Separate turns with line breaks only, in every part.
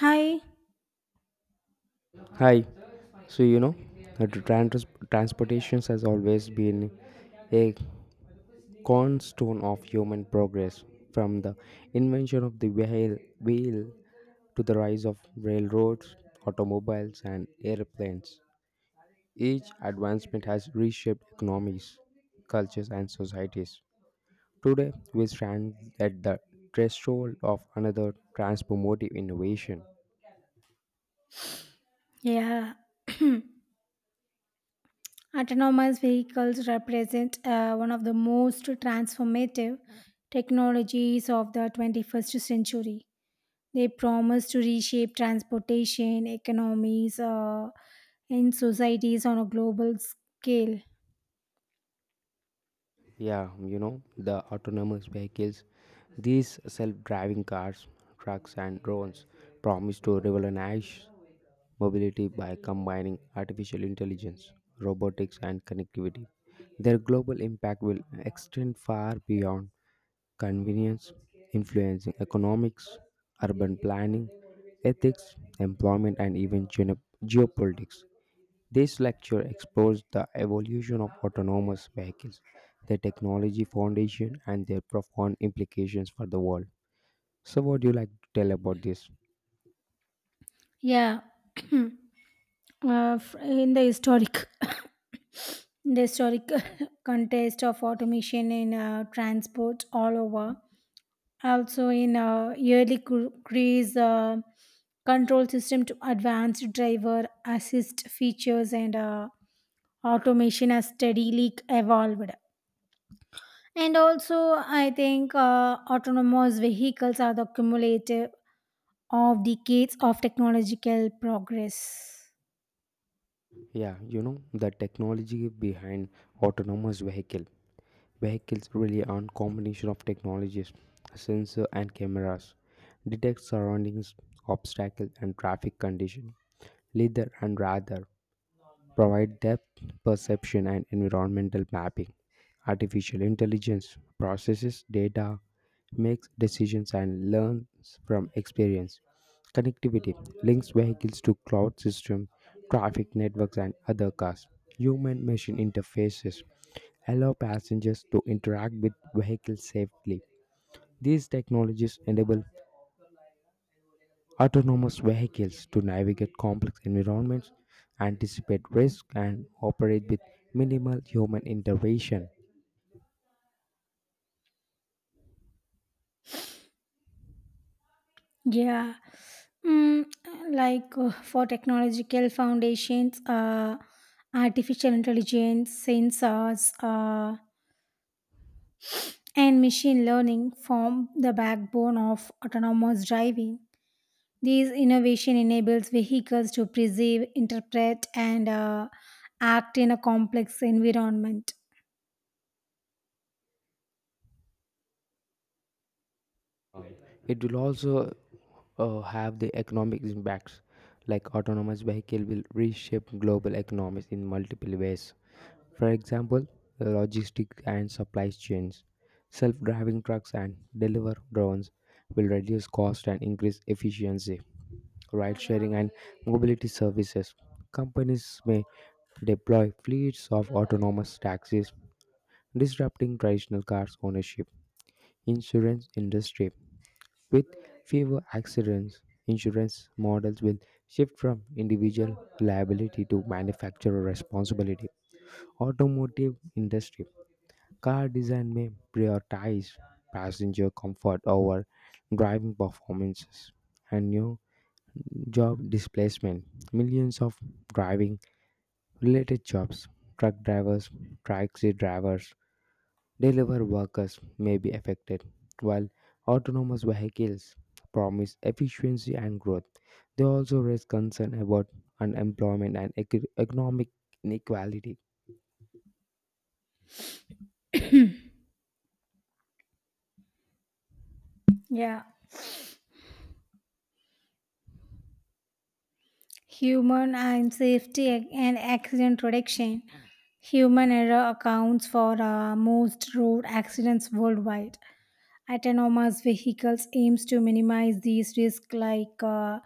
Hi.
Hi. So you know, uh, trans- Transportation has always been a cornerstone of human progress. From the invention of the wheel to the rise of railroads, automobiles, and airplanes, each advancement has reshaped economies, cultures, and societies. Today, we stand at the threshold of another transformative innovation.
Yeah. Autonomous vehicles represent one of the most transformative technologies of the 21st century. They promise to reshape transportation, economies, and societies on a global scale.
The autonomous vehicles, these self driving cars, trucks, and drones promise to revolutionize mobility by combining artificial intelligence, robotics, and connectivity. Their global impact will extend far beyond convenience, influencing economics, urban planning, ethics, employment, and even geopolitics. This lecture explores the evolution of autonomous vehicles, their technology foundation, and their profound implications for the world. So, what do you like to tell about this?
Yeah. uh, in the historic in the historic context of automation in transport all over, also in yearly crease control system to advanced driver assist features, and automation has steadily evolved. And also I think autonomous vehicles are the cumulative of decades of technological progress.
The technology behind autonomous vehicle. Vehicles rely on combination of technologies, sensor and cameras, detect surroundings, obstacles, and traffic condition, leader and rather provide depth perception and environmental mapping. Artificial intelligence processes data, makes decisions, and learns from experience. Connectivity links vehicles to cloud system, traffic networks, and other cars. Human machine interfaces allow passengers to interact with vehicles safely. These technologies enable autonomous vehicles to navigate complex environments, anticipate risk, and operate with minimal human intervention.
Yeah. Mm, like uh, for technological foundations, artificial intelligence, sensors, and machine learning form the backbone of autonomous driving. These innovation enables vehicles to perceive, interpret, and act in a complex environment.
It will also have the economic impacts, like autonomous vehicle will reshape global economies in multiple ways. For example, logistics and supply chains, self-driving trucks and deliver drones will reduce cost and increase efficiency. Ride sharing, and mobility services. Companies may deploy fleets of autonomous taxis, disrupting traditional cars ownership. Insurance industry with fewer accidents, insurance models will shift from individual liability to manufacturer responsibility. Automotive industry car design may prioritize passenger comfort over driving performances. And new job displacement. Millions of driving related jobs, truck drivers, taxi drivers, delivery workers may be affected. While autonomous vehicles promise efficiency and growth, they also raise concern about unemployment and economic inequality.
Yeah, human and safety and accident reduction. Human error accounts for most road accidents worldwide. Autonomous vehicles aims to minimize these risks, like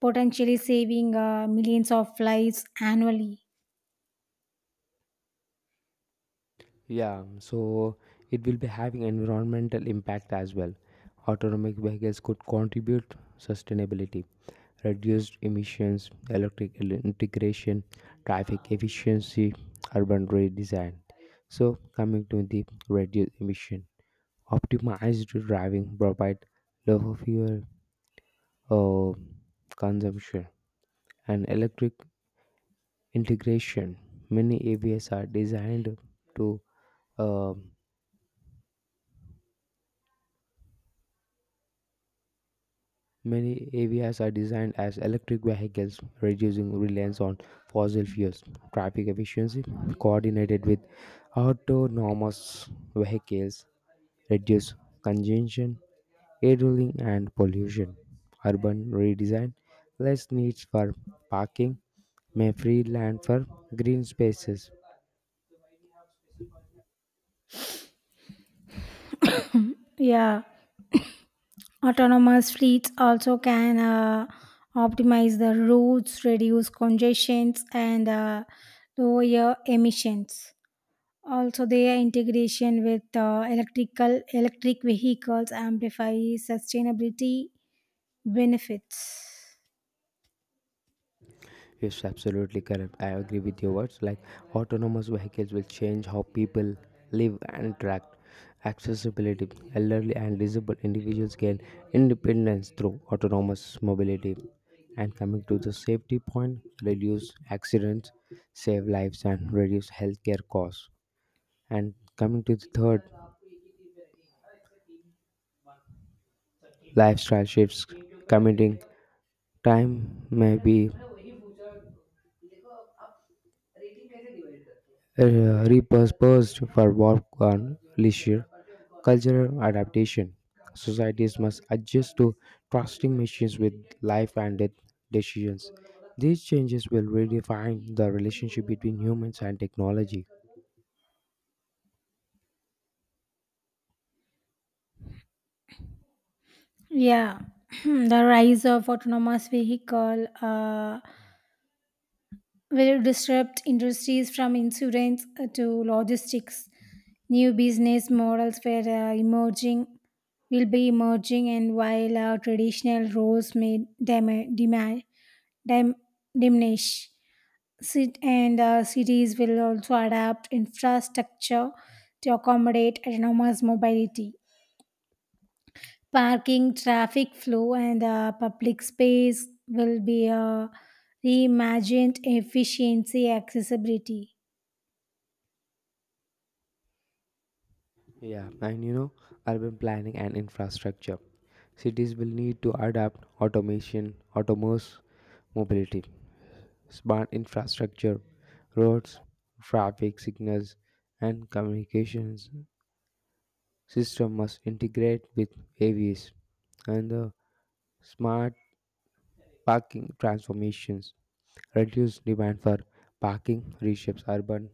potentially saving millions of lives annually.
Yeah, so it will be having environmental impact as well. Autonomous vehicles could contribute sustainability, reduced emissions, electric integration, traffic efficiency, urban redesign. So coming to the reduced emission, optimized driving provide lower fuel uh, consumption and electric integration. Many AVS are designed to uh, Many AVIs are designed as electric vehicles, reducing reliance on fossil fuels. Traffic efficiency, coordinated with autonomous vehicles, reduce congestion, idling, and pollution. Urban redesign, less needs for parking, may free land for green spaces.
Yeah, autonomous fleets also can optimize the routes, reduce congestions, and lower emissions. Also, their integration with electric vehicles amplifies sustainability benefits.
Yes, absolutely correct. I agree with your words. Like autonomous vehicles will change how people live and interact. Accessibility. Elderly and disabled individuals gain independence through autonomous mobility. And coming to the safety point, reduce accidents, save lives, and reduce healthcare costs. And coming to the third, lifestyle shifts. Commuting time may be repurposed for work and leisure. Cultural adaptation. Societies must adjust to trusting machines with life and death decisions. These changes will redefine the relationship between humans and technology.
Yeah, the rise of autonomous vehicle will disrupt industries from insurance to logistics. New business models will be emerging, and while traditional roles may dim- diminish. And cities will also adapt infrastructure to accommodate autonomous mobility. Parking, traffic flow, and public space will be reimagined efficiency, accessibility.
Yeah, and you know, Urban planning and infrastructure. Cities will need to adapt automation, autonomous mobility, smart infrastructure, roads, traffic signals, and communications system must integrate with AVs, and the smart parking transformations reduce demand for parking, reshapes urban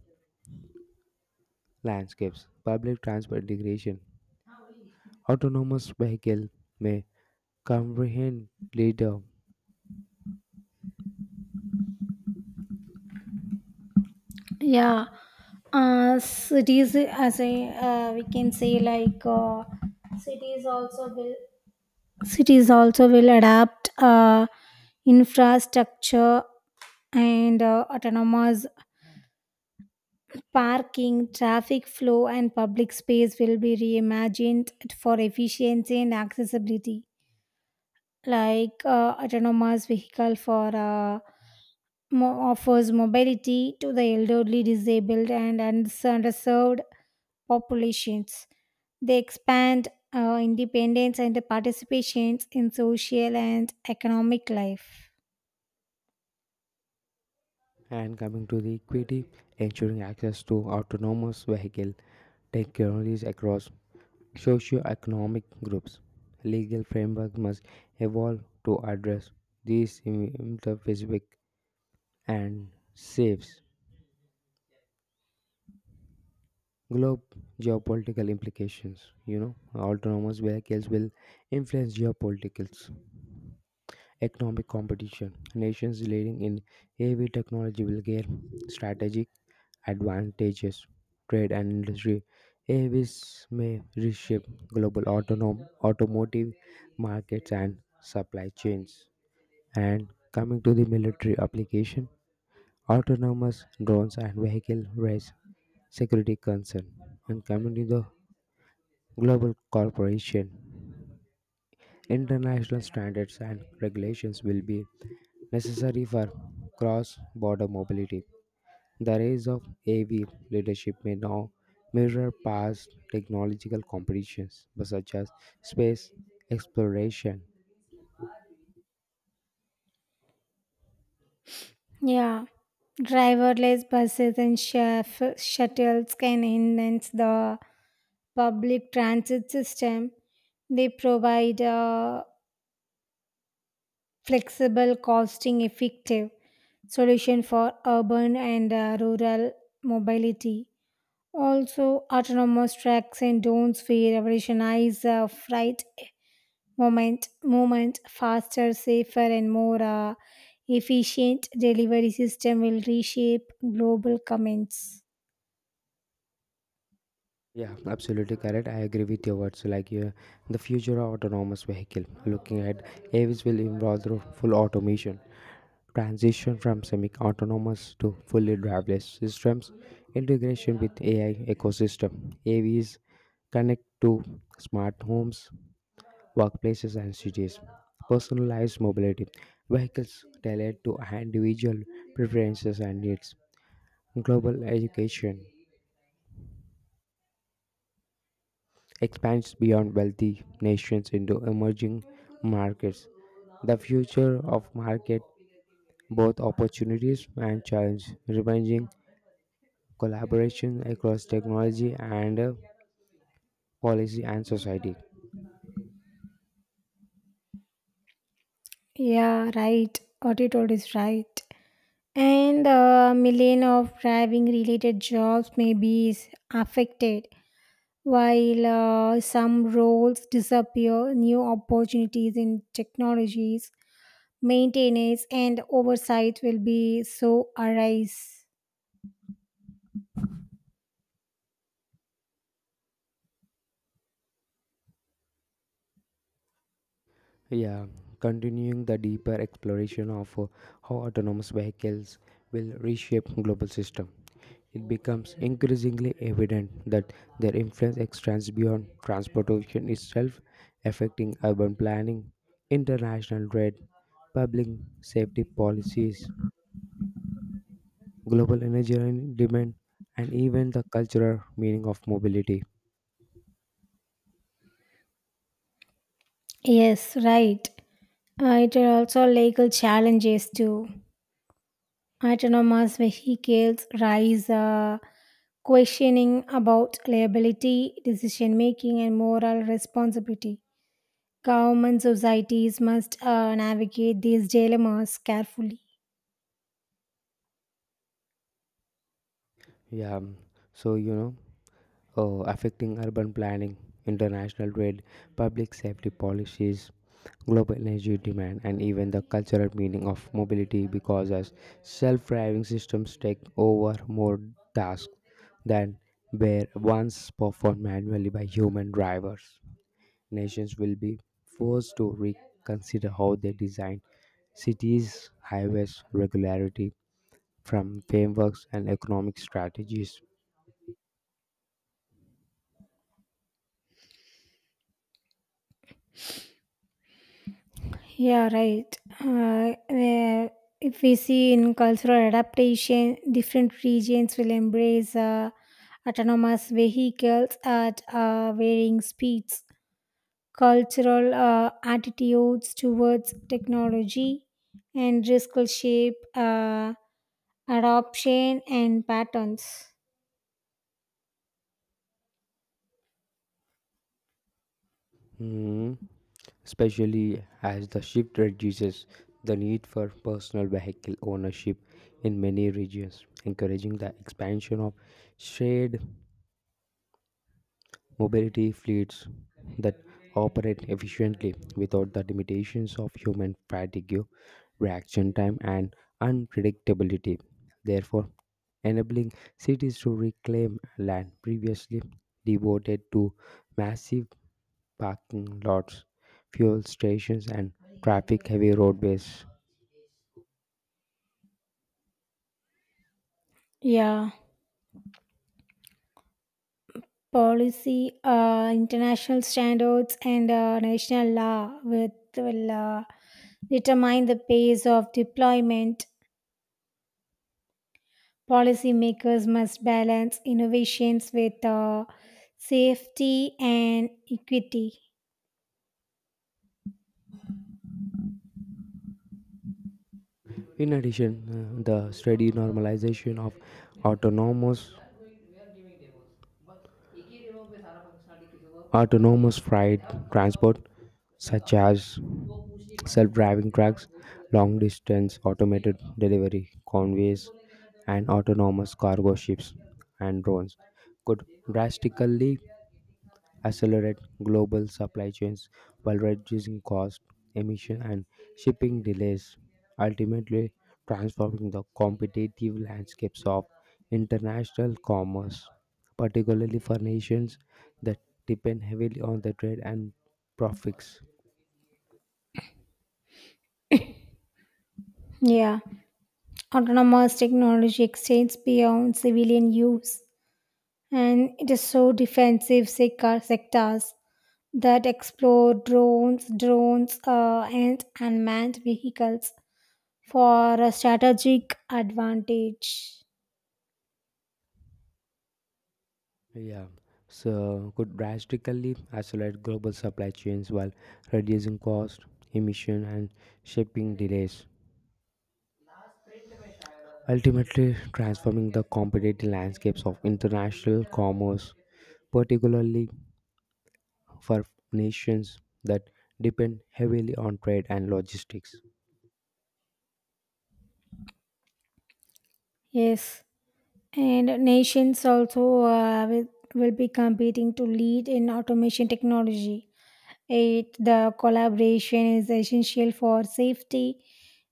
landscapes, public transport integration, autonomous vehicle may comprehend leader.
Yeah, cities as a we can say like cities also will cities also will adapt infrastructure and autonomous parking, traffic flow, and public space will be reimagined for efficiency and accessibility. Like autonomous vehicle for offers mobility to the elderly, disabled, and underserved populations. They expand independence and participations in social and economic life.
And coming to the equity, ensuring access to autonomous vehicle technologies across socio-economic groups, legal framework must evolve to address these specific and saves globe geopolitical implications. You know, autonomous vehicles will influence geopolitics, economic competition, nations leading in AV technology will gain strategic advantages, trade and industry, AVs may reshape global automotive markets and supply chains. And coming to the military application, autonomous drones and vehicle race security concern and community the global corporation. International standards and regulations will be necessary for cross-border mobility. The rise of AV leadership may now mirror past technological competitions but such as space exploration.
Yeah, driverless buses and chef, shuttles can enhance the public transit system. They provide a flexible, costing effective solution for urban and rural mobility. Also, autonomous tracks and drones will revolutionize freight moment, faster, safer, and more efficient delivery system will reshape global comments.
Yeah, absolutely correct. I agree with your words. Like yeah, the future of autonomous vehicle, looking at AVs will involve through full automation, transition from semi-autonomous to fully driverless systems, integration with ai ecosystem, avs connect to smart homes, workplaces and cities, personalized mobility, vehicles tailored to individual preferences and needs, global education expands beyond wealthy nations into emerging markets, the future of market both opportunities and challenge remaining collaboration across technology and policy and society.
Yeah, right, what you told is right. And a million of driving related jobs may be is affected. While some roles disappear, new opportunities in technologies, maintenance, and oversight will be so arise.
Yeah, continuing the deeper exploration of how autonomous vehicles will reshape global system. It becomes increasingly evident that their influence extends beyond transportation itself, affecting urban planning, international trade, public safety policies, global energy and demand, and even the cultural meaning of mobility.
Yes, right. It are also legal challenges to autonomous vehicles rise, questioning about liability, decision making, and moral responsibility. Government societies must navigate these dilemmas carefully.
Yeah, so you know Affecting urban planning, international trade, public safety policies, global energy demand, and even the cultural meaning of mobility because as self driving systems take over more tasks than were once performed manually by human drivers. Nations will be forced to reconsider how they design cities, highways, regularity from frameworks and economic strategies.
Yeah, right. Where if we see in cultural adaptation, different regions will embrace autonomous vehicles at varying speeds. Cultural attitudes towards technology and risk will shape adoption and patterns.
Hmm. Especially as the shift reduces the need for personal vehicle ownership in many regions, encouraging the expansion of shared mobility fleets that operate efficiently without the limitations of human fatigue, reaction time, and unpredictability, therefore, enabling cities to reclaim land previously devoted to massive parking lots, fuel stations, and traffic heavy roadways.
Yeah, policy, international standards, and national law with, will determine the pace of deployment. Policymakers must balance innovations with safety and equity.
In addition, the steady normalization of autonomous, autonomous freight transport, such as self driving trucks, long distance automated delivery convoys, and autonomous cargo ships and drones, could drastically accelerate global supply chains while reducing cost, emission, and shipping delays, ultimately transforming the competitive landscapes of international commerce, particularly for nations that depend heavily on the trade and profits.
Yeah, autonomous technology extends beyond civilian use, and it is so defensive sectors that explore drones, and unmanned vehicles for a strategic advantage.
Yeah, so could drastically accelerate global supply chains while reducing cost, emission, and shipping delays, ultimately transforming the competitive landscapes of international commerce, particularly for nations that depend heavily on trade and logistics.
Yes, and nations also will be competing to lead in automation technology. It the collaboration is essential for safety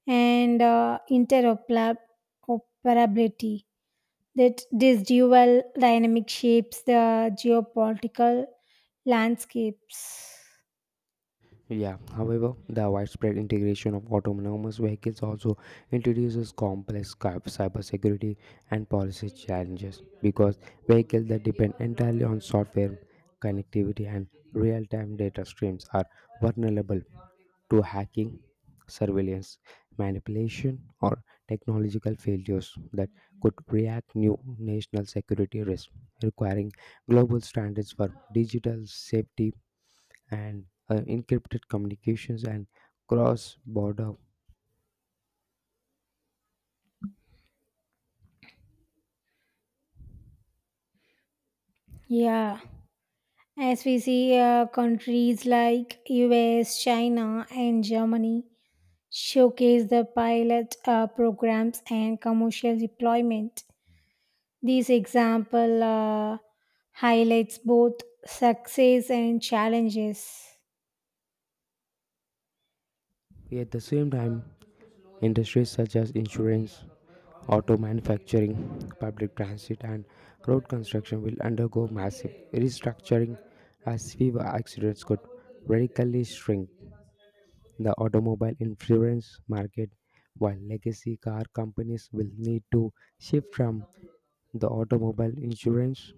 and interoperability. That this dual dynamic shapes the geopolitical landscapes.
Yeah, however, the widespread integration of autonomous vehicles also introduces complex cybersecurity and policy challenges because vehicles that depend entirely on software connectivity and real-time data streams are vulnerable to hacking, surveillance, manipulation, or technological failures that could react new national security risks, requiring global standards for digital safety and encrypted communications and cross-border.
Yeah, as we see countries like US, China, and Germany showcase the pilot programs and commercial deployment. This example highlights both success and challenges.
At the same time, industries such as insurance, auto manufacturing, public transit, and road construction will undergo massive restructuring as fewer accidents could radically shrink the automobile insurance market, while legacy car companies will need to shift from the automobile insurance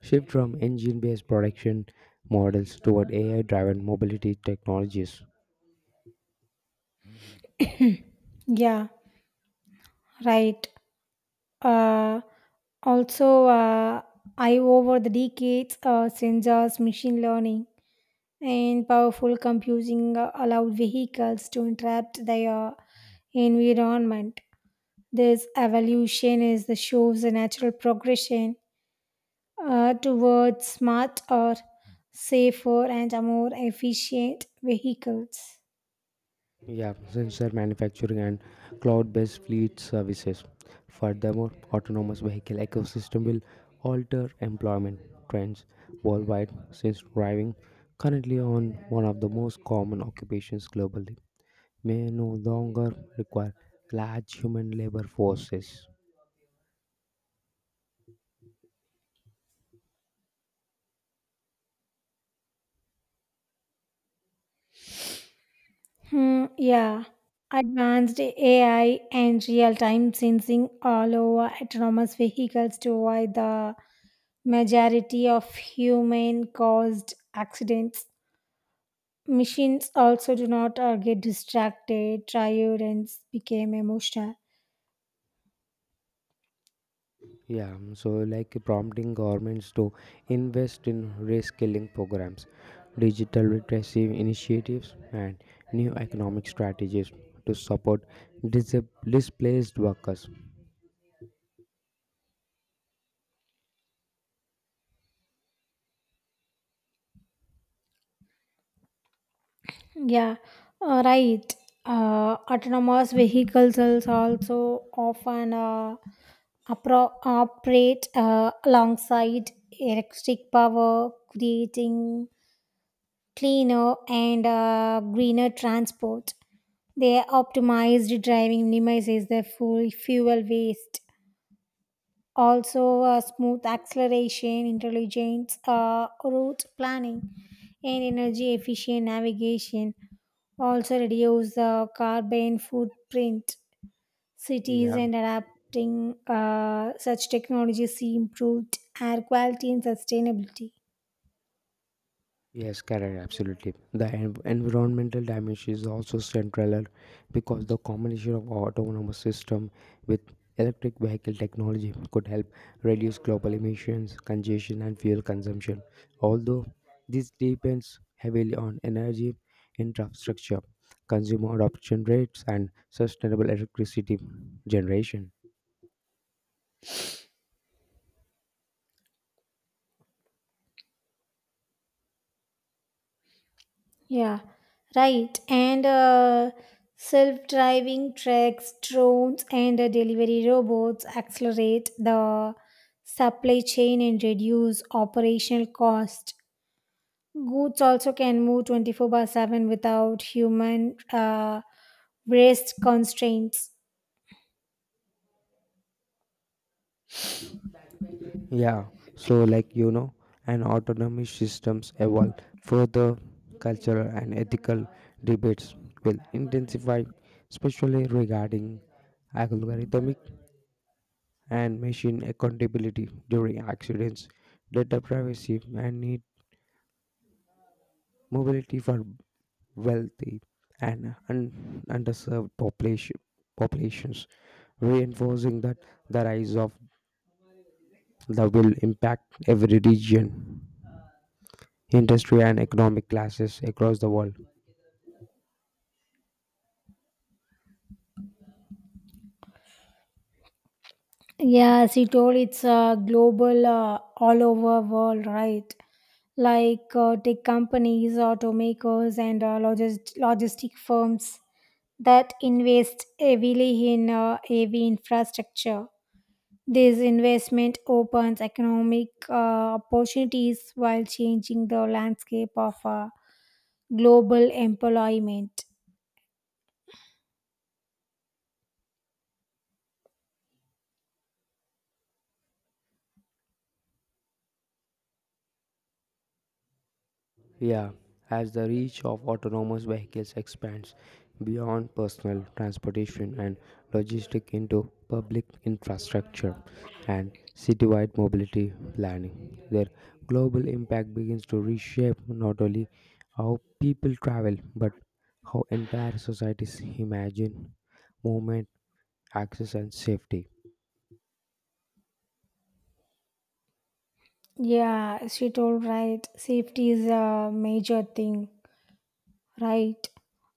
shift from engine-based production models toward AI-driven mobility technologies.
Yeah, right. Uh, also, uh, I over the decades, sensors, machine learning, and powerful computing allowed vehicles to interrupt their environment. This evolution is the shows a natural progression towards smarter, safer, and more efficient vehicles.
Yeah, sensor manufacturing and cloud-based fleet services. Furthermore, autonomous vehicle ecosystem will alter employment trends worldwide since driving currently on one of the most common occupations globally, may no longer require large human labor forces.
Hmm, yeah. Advanced AI and real time sensing all over autonomous vehicles to avoid the majority of human caused accidents. Machines also do not get distracted, tired, and became emotional.
Prompting governments to invest in reskilling programs, digital literacy initiatives, and new economic strategies to support dis- displaced workers.
Yeah, right. Autonomous vehicles also often operate alongside electric power, creating cleaner and greener transport. Their optimized driving minimizes the fuel waste. Also, smooth acceleration, intelligent route planning, and energy efficient navigation also reduce the carbon footprint. Cities
Yeah,
and adapting such technologies see improved air quality and sustainability.
yes, correct, absolutely. The environmental dimension is also central because the combination of autonomous system with electric vehicle technology could help reduce global emissions, congestion, and fuel consumption. Although this depends heavily on energy infrastructure, consumer adoption rates, and sustainable electricity generation.
Yeah, right. And self driving trucks, drones, and delivery robots accelerate the supply chain and reduce operational cost. Goods also can move 24 by 7 without human waste constraints.
Yeah, so like you know, and autonomy systems evolve further, cultural and ethical debates will intensify, especially regarding algorithmic and machine accountability during accidents, data privacy, and need mobility for wealthy and underserved populations, reinforcing that the rise of the will impact every region, industry, and economic classes across the world.
Yeah, as told, it's a global, all over world, right? Like tech companies, automakers, and logistic firms that invest heavily in AV infrastructure. This investment opens economic opportunities while changing the landscape of global employment.
Yeah, as the reach of autonomous vehicles expands beyond personal transportation and logistics into public infrastructure and citywide mobility planning, their global impact begins to reshape not only how people travel but how entire societies imagine movement, access, and safety.
Yeah, she told right. Safety is a major thing. Right.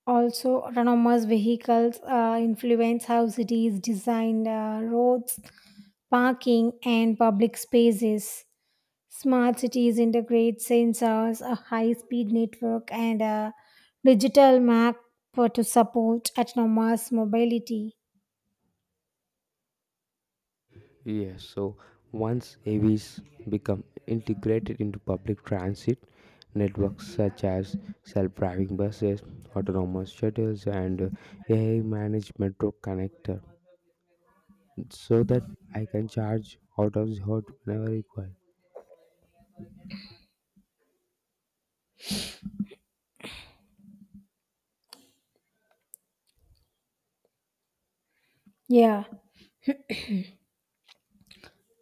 Also, autonomous vehicles influence how cities design roads, parking, and public spaces. Smart cities integrate sensors, a high speed network, and a digital map to support autonomous mobility.
Yes, so once AVs become integrated into public transit networks such as self-driving buses, autonomous shuttles, and AI-managed metro connector, so that I can charge out of the hot whenever required.
Yeah.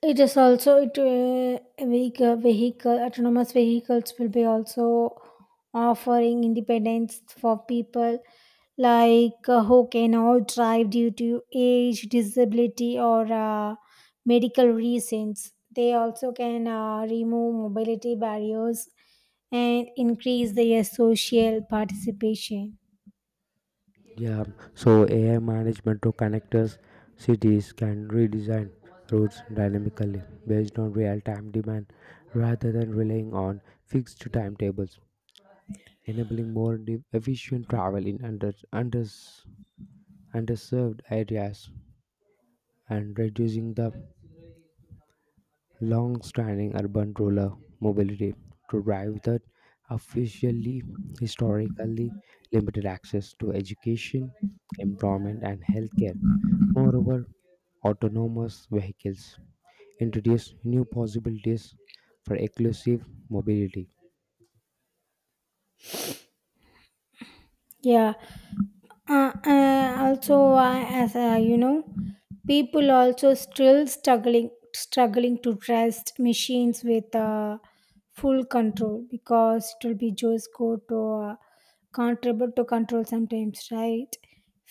It is also it vehicle autonomous vehicles will be also offering independence for people, like who cannot drive due to age, disability, or medical reasons. They also can remove mobility barriers and increase their social participation.
Yeah, so AI managed metro connectors, cities can redesign routes dynamically based on real-time demand rather than relying on fixed timetables, enabling more efficient travel in underserved areas and reducing the long-standing urban-rural mobility to drive that officially historically limited access to education, employment, and healthcare. Moreover, autonomous vehicles introduce new possibilities for inclusive mobility,
Yeah, also as you know, people also still struggling to trust machines with full control, because it will be just go to contribute to control sometimes, right?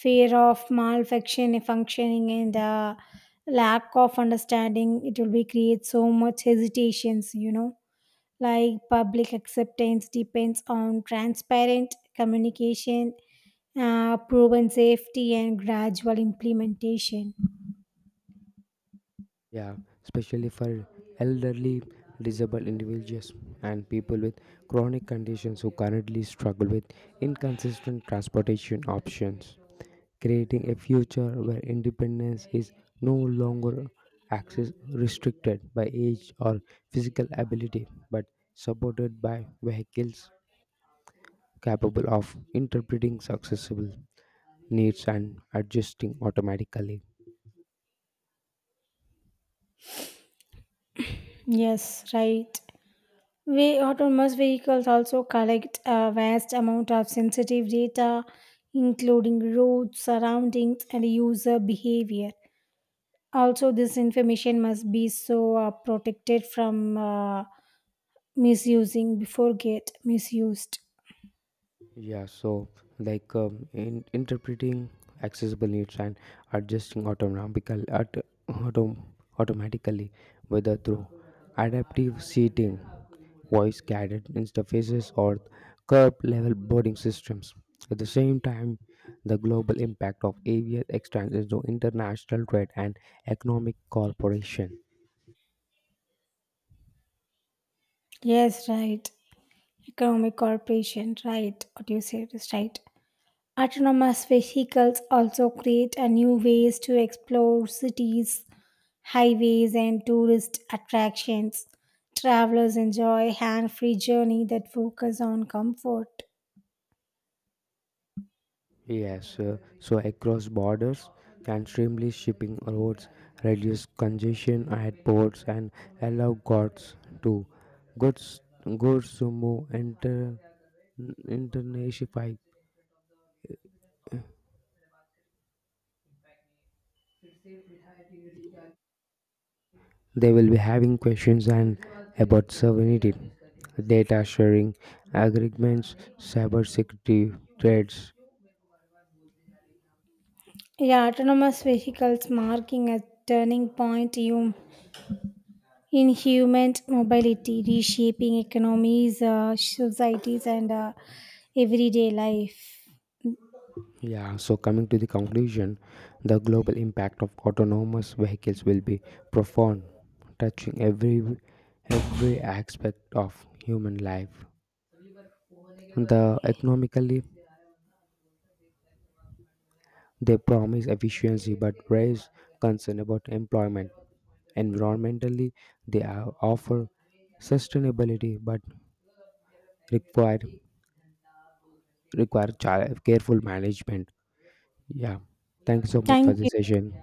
Fear of malfunction functioning and lack of understanding, it will be create so much hesitations, you know, like public acceptance depends on transparent communication, proven safety, and gradual implementation.
Yeah, especially for elderly, disabled individuals, and people with chronic conditions who currently struggle with inconsistent transportation options. Creating a future where independence is no longer access restricted by age or physical ability, but supported by vehicles capable of interpreting accessible needs and adjusting automatically.
Yes, right. We autonomous vehicles also collect a vast amount of sensitive data, including roads, surroundings, and user behavior. Also, this information must be so protected from misusing before get misused.
Yeah, so in interpreting accessible needs and adjusting autom- automatically, whether through adaptive seating, voice guided interfaces, or curb level boarding systems. At the same time, the global impact of AVS extends into international trade and economic cooperation.
Yes, right. Economic corporation, right? What you said is right. Autonomous vehicles also create a new ways to explore cities, highways, and tourist attractions. Travelers enjoy hand-free journey that focus on comfort.
Yes, so across borders and streamly shipping routes reduce congestion at ports and allow goods goods to move internationally. They will be having questions and about sovereignty, data sharing, agreements, cyber security threats.
Yeah, autonomous vehicles marking a turning point in human mobility, reshaping economies, societies, and everyday life.
Yeah, so coming to the conclusion, the global impact of autonomous vehicles will be profound, touching every aspect of human life. The economically they promise efficiency but raise concern about employment. Environmentally they offer sustainability but require require careful management. Yeah. Thank you so much for
Thank you.
this session.